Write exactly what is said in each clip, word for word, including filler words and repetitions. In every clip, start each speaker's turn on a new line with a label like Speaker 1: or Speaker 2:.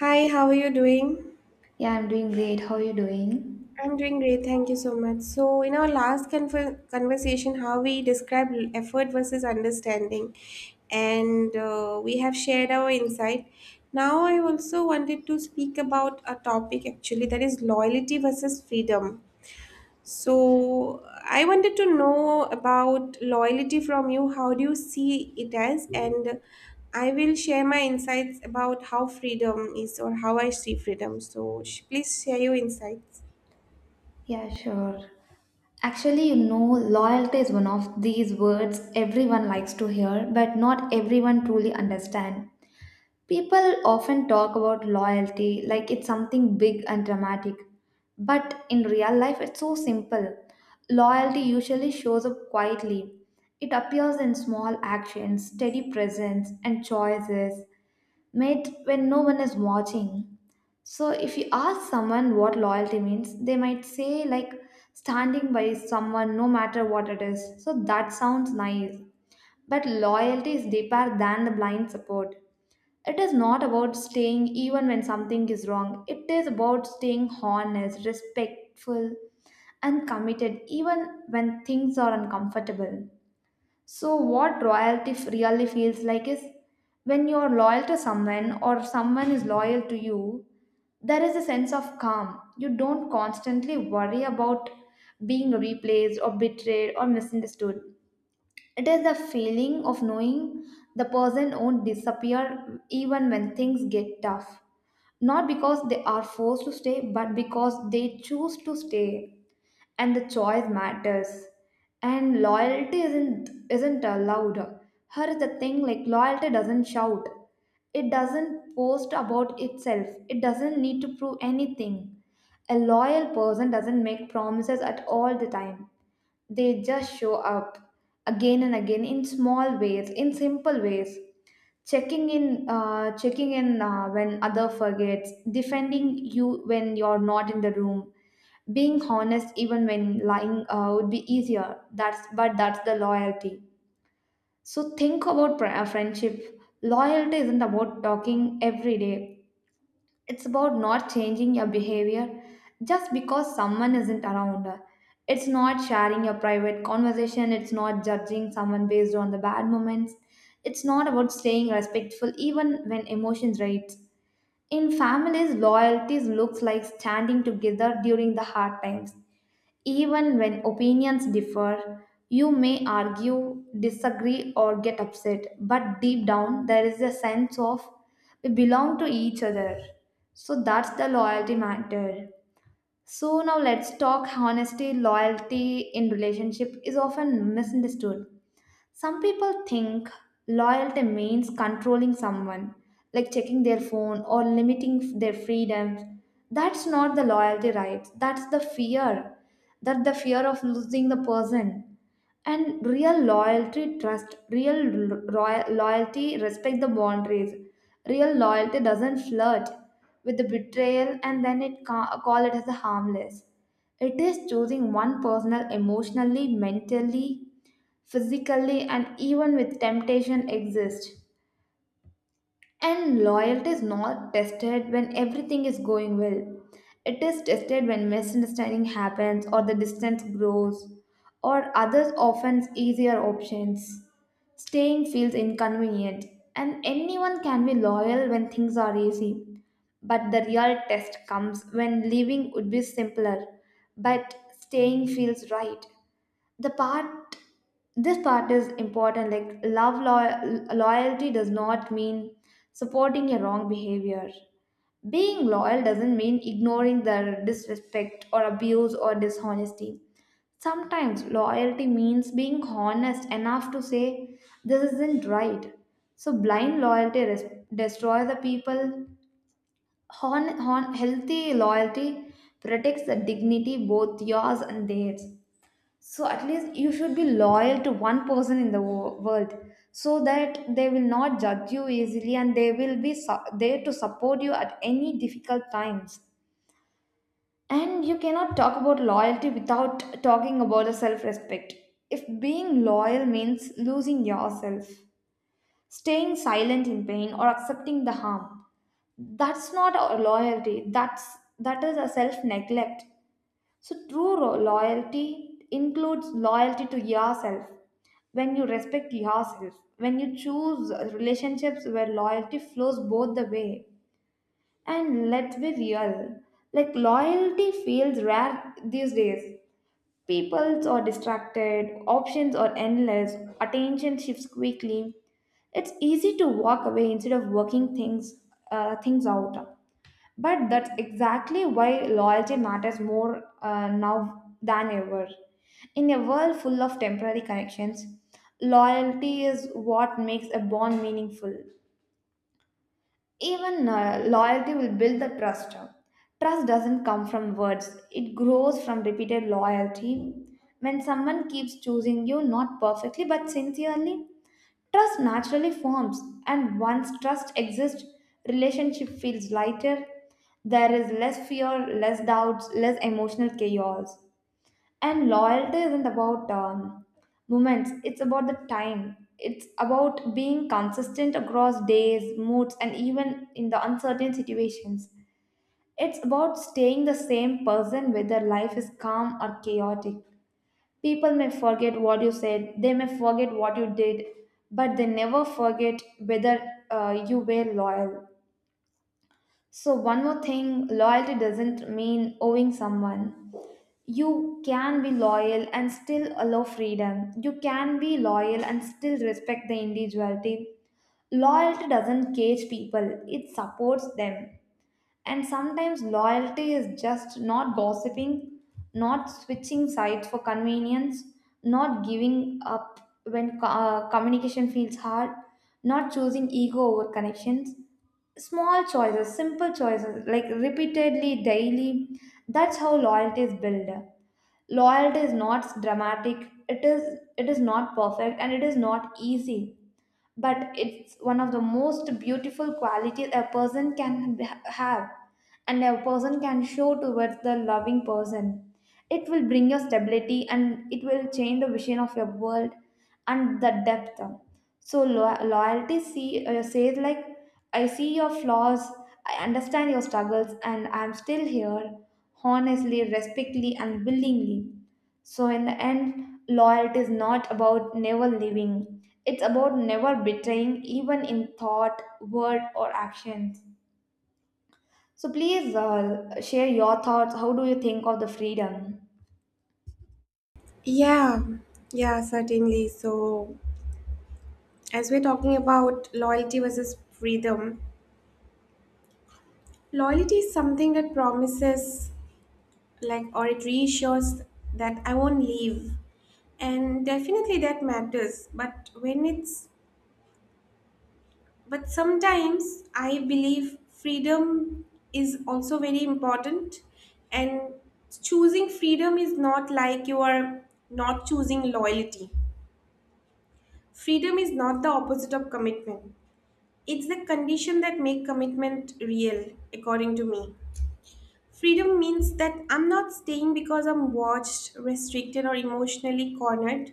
Speaker 1: Hi, how are you doing?
Speaker 2: Yeah, I'm doing great. How are you doing?
Speaker 1: I'm doing great, thank you so much. So, in our last conver- conversation, how we described l- effort versus understanding, and uh, we have shared our insight. Now, I also wanted to speak about a topic actually that is loyalty versus freedom. So I wanted to know about loyalty from you. How do you see it as? And I will share my insights about how freedom is or how I see freedom. So sh- please share your insights.
Speaker 2: Yeah, sure. Actually, you know, loyalty is one of these words everyone likes to hear, but not everyone truly understand. People often talk about loyalty like it's something big and dramatic, but in real life, it's so simple. Loyalty usually shows up quietly. It appears in small actions, steady presence, and choices made when no one is watching. So if you ask someone what loyalty means, they might say like standing by someone no matter what it is. So that sounds nice. But loyalty is deeper than the blind support. It is not about staying even when something is wrong. It is about staying honest, respectful, and committed even when things are uncomfortable. So, what loyalty f- really feels like is when you're loyal to someone or someone is loyal to you, there is a sense of calm. You don't constantly worry about being replaced or betrayed or misunderstood. It is the feeling of knowing the person won't disappear even when things get tough. Not because they are forced to stay, but because they choose to stay. And the choice matters. And loyalty isn't isn't allowed. Here is the thing like loyalty doesn't shout. It doesn't boast about itself. It doesn't need to prove anything. A loyal person doesn't make promises at all the time. They just show up again and again in small ways, in simple ways. Checking in, uh, checking in uh, when other forgets, defending you when you're not in the room, being honest even when lying uh, would be easier. That's but that's the loyalty. So think about pri- uh, friendship. Loyalty isn't about talking every day. It's about not changing your behavior just because someone isn't around. It's not sharing your private conversation. It's not judging someone based on the bad moments. It's not about staying respectful even when emotions rage. In families, loyalty looks like standing together during the hard times. Even when opinions differ, you may argue, disagree, or get upset, but deep down there is a sense of we belong to each other. So that's the loyalty matter. So now let's talk honesty. Loyalty in relationship is often misunderstood. Some people think loyalty means controlling someone, like checking their phone or limiting their freedoms. That's not the loyalty, right? That's the fear. That the fear of losing the person. And real loyalty, trust, real roy- loyalty, respect the boundaries. Real loyalty doesn't flirt with the betrayal and then it ca- call it as a harmless. It is choosing one personal emotionally, mentally, physically and even with temptation exist. And loyalty is not tested when everything is going well. It is tested when misunderstanding happens or the distance grows or others offer easier options. Staying feels inconvenient and anyone can be loyal when things are easy. But the real test comes when leaving would be simpler, but staying feels right. The part This part is important like love lo- loyalty does not mean supporting a wrong behavior. Being loyal doesn't mean ignoring the disrespect or abuse or dishonesty. Sometimes loyalty means being honest enough to say, this isn't right. So, blind loyalty res- destroys the people. Hon, hon, healthy loyalty protects the dignity, both yours and theirs. So at least you should be loyal to one person in the wo- world, so that they will not judge you easily and they will be su- there to support you at any difficult times. And you cannot talk about loyalty without talking about the self-respect. If being loyal means losing yourself, staying silent in pain, or accepting the harm, that's not a loyalty, that's that is a self neglect. So true ro- loyalty includes loyalty to yourself. When you respect yourself, when you choose uh, relationships where loyalty flows both the way. And let's be real, like loyalty feels rare these days. Peoples are distracted, options are endless, attention shifts quickly. It's easy to walk away instead of working things uh, things out. But that's exactly why loyalty matters more uh, now than ever. In a world full of temporary connections, loyalty is what makes a bond meaningful. Even uh, loyalty will build the trust. Trust doesn't come from words, it grows from repeated loyalty. When someone keeps choosing you, not perfectly but sincerely, trust naturally forms, and once trust exists, relationship feels lighter. There is less fear, less doubts, less emotional chaos. And loyalty isn't about um, moments, it's about the time. It's about being consistent across days, moods, and even in the uncertain situations. It's about staying the same person whether life is calm or chaotic. People may forget what you said, they may forget what you did, but they never forget whether uh, you were loyal. So, one more thing, loyalty doesn't mean owing someone. You can be loyal and still allow freedom. You can be loyal and still respect the individuality. Loyalty doesn't cage people, it supports them. And sometimes loyalty is just not gossiping, not switching sides for convenience, not giving up when co- uh, communication feels hard, not choosing ego over connections. Small choices, simple choices, like repeatedly, daily. That's how loyalty is built. Loyalty is not dramatic. It is. It is not perfect, and it is not easy, but it's one of the most beautiful qualities a person can ha- have and a person can show towards the loving person. It will bring you stability and it will change the vision of your world and the depth. So lo- loyalty see, uh, says like, I see your flaws, I understand your struggles and I'm still here, honestly, respectfully and willingly. So, in the end, loyalty is not about never leaving, it's about never betraying, even in thought, word, or actions. So, please uh, share your thoughts. How do you think of the freedom?
Speaker 1: Yeah, yeah, certainly. So as we're talking about loyalty versus freedom, loyalty is something that promises, like, or it reassures that I won't leave, and definitely that matters, but when it's But sometimes I believe freedom is also very important, and choosing freedom is not like you are not choosing loyalty. Freedom is not the opposite of commitment. It's the condition that make commitment real, according to me. Freedom means that I'm not staying because I'm watched, restricted, or emotionally cornered.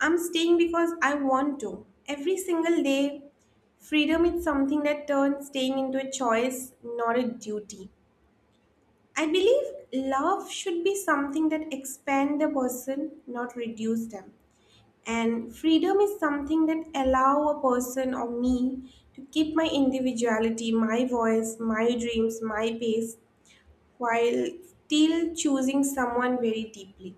Speaker 1: I'm staying because I want to. Every single day, freedom is something that turns staying into a choice, not a duty. I believe love should be something that expand the person, not reduce them. And freedom is something that allow a person or me to keep my individuality, my voice, my dreams, my pace, while still choosing someone very deeply.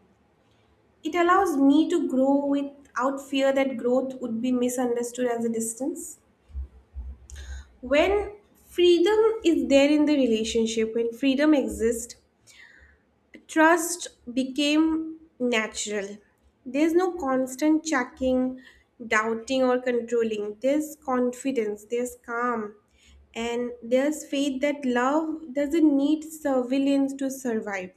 Speaker 1: It allows me to grow without fear that growth would be misunderstood as a distance. When freedom is there in the relationship, when freedom exists, trust became natural. There's no constant checking, doubting, or controlling. There's confidence, there's calm, and there's faith that love doesn't need surveillance to survive.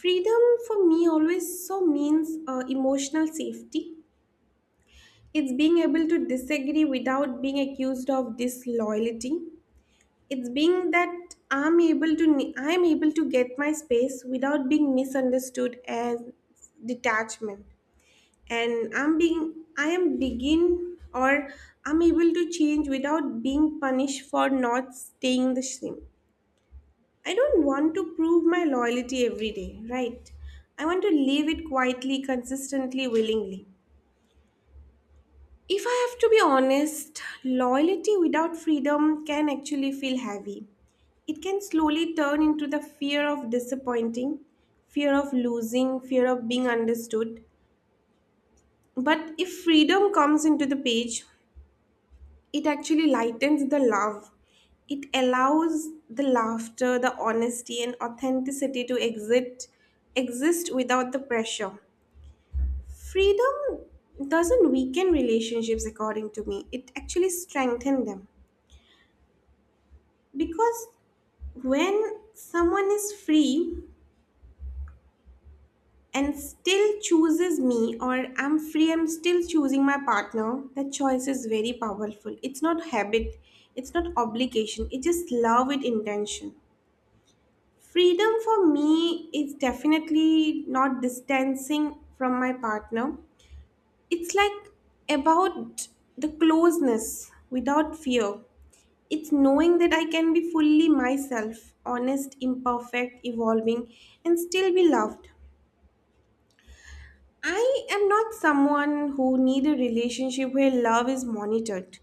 Speaker 1: Freedom for me always so means uh, emotional safety. It's being able to disagree without being accused of disloyalty. It's being that I'm able to I'm able to get my space without being misunderstood as detachment. And I'm being I am begin or I'm able to change without being punished for not staying the same. I don't want to prove my loyalty every day, right? I want to live it quietly, consistently, willingly. If I have to be honest, loyalty without freedom can actually feel heavy. It can slowly turn into the fear of disappointing, fear of losing, fear of being understood. But if freedom comes into the page, it actually lightens the love. It allows the laughter, the honesty, and authenticity to exist, exist without the pressure. Freedom doesn't weaken relationships, according to me, it actually strengthens them. Because when someone is free and still chooses me, or I'm free, I'm still choosing my partner, that choice is very powerful. It's not habit, it's not obligation, it's just love with intention. Freedom for me is definitely not distancing from my partner. It's like about the closeness without fear. It's knowing that I can be fully myself, honest, imperfect, evolving, and still be loved. I am not someone who need a relationship where love is monitored.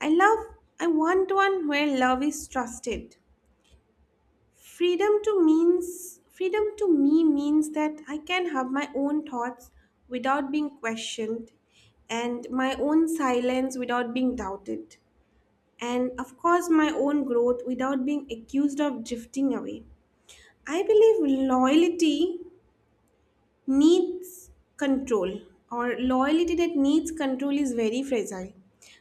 Speaker 1: I love I want one where love is trusted. Freedom to means freedom to me means that I can have my own thoughts without being questioned, and my own silence without being doubted, and of course my own growth without being accused of drifting away. I believe loyalty needs control, or loyalty that needs control is very fragile.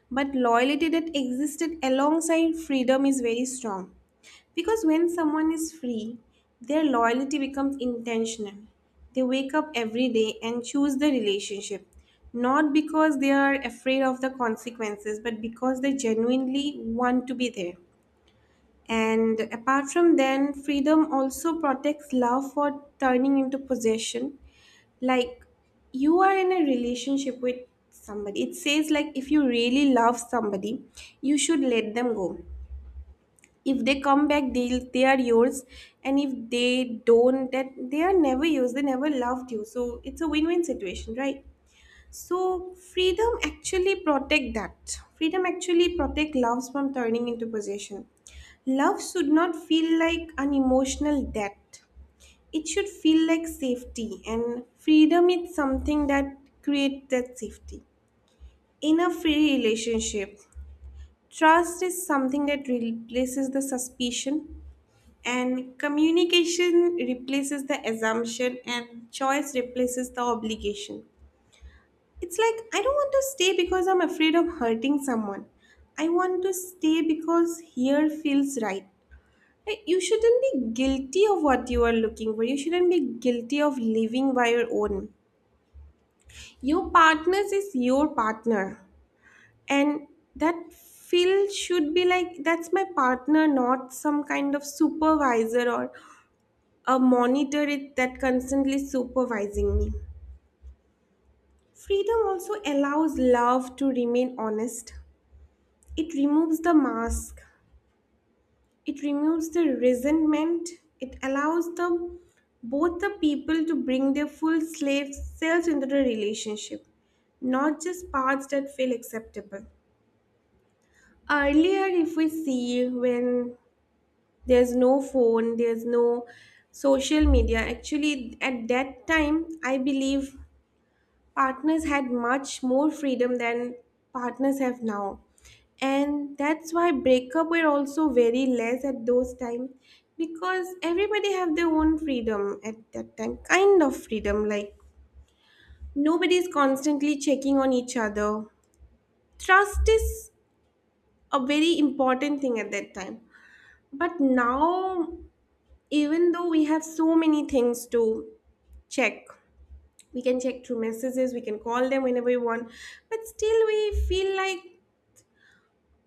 Speaker 1: But loyalty that existed alongside freedom is very strong. Because when someone is free, their loyalty becomes intentional. They wake up every day and choose the relationship, not because they are afraid of the consequences, but because they genuinely want to be there. And apart from then, freedom also protects love for turning into possession. Like, you are in a relationship with somebody. It says like if you really love somebody, you should let them go. If they come back, they they are yours. And if they don't, that they are never yours. They never loved you. So it's a win-win situation, right? So freedom actually protect that. Freedom actually protect loves from turning into possession. Love should not feel like an emotional debt. It should feel like safety, and freedom is something that creates that safety. In a free relationship, trust is something that replaces the suspicion, and communication replaces the assumption, and choice replaces the obligation. It's like, I don't want to stay because I'm afraid of hurting someone. I want to stay because here feels right. Like, you shouldn't be guilty of what you are looking for. You shouldn't be guilty of living by your own. Your partner's is your partner. And that feel should be like that's my partner, not some kind of supervisor or a monitor it that constantly supervising me. Freedom also allows love to remain honest. It removes the mask, it removes the resentment, it allows the both the people to bring their full slave selves into the relationship, not just parts that feel acceptable. Earlier, if we see, when there's no phone, there's no social media, actually, at that time, I believe partners had much more freedom than partners have now, and that's why breakup were also very less at those times, because everybody have their own freedom at that time, kind of freedom like nobody is constantly checking on each other. Trust is a very important thing at that time, but now, even though we have so many things to check, we can check through messages, we can call them whenever we want, but still we feel like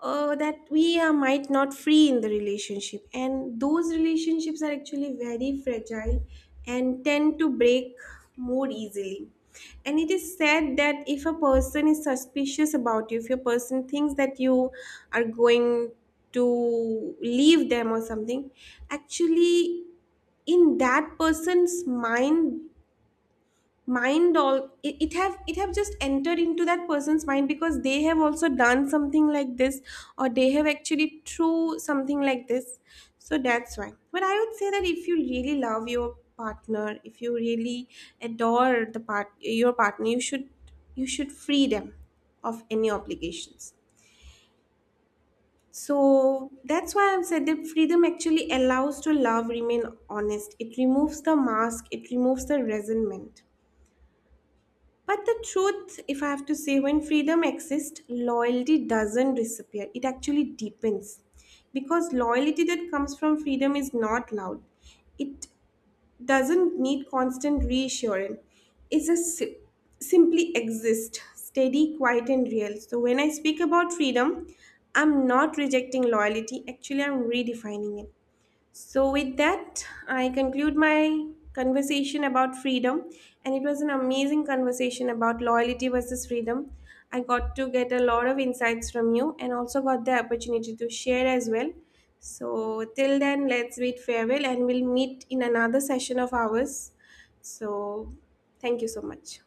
Speaker 1: uh, that we are might not free in the relationship, and those relationships are actually very fragile and tend to break more easily. And it is said that if a person is suspicious about you, if a person thinks that you are going to leave them or something, actually in that person's mind mind, all it, it have it have just entered into that person's mind because they have also done something like this, or they have actually through something like this. So that's why, but I would say that if you really love your partner, if you really adore the part your partner, you should you should free them of any obligations. So that's why I've said that freedom actually allows to love remain honest. It removes the mask, it removes the resentment. But the truth, if I have to say, when freedom exists, loyalty doesn't disappear. It actually deepens. Because loyalty that comes from freedom is not loud, it doesn't need constant reassurance. It's just si- simply exist, steady, quiet, and real. So when I speak about freedom, I'm not rejecting loyalty, actually, I'm redefining it. So, with that, I conclude my conversation about freedom, and it was an amazing conversation about loyalty versus freedom. I got to get a lot of insights from you and also got the opportunity to share as well. So, till then, let's bid farewell and we'll meet in another session of ours. So, thank you so much.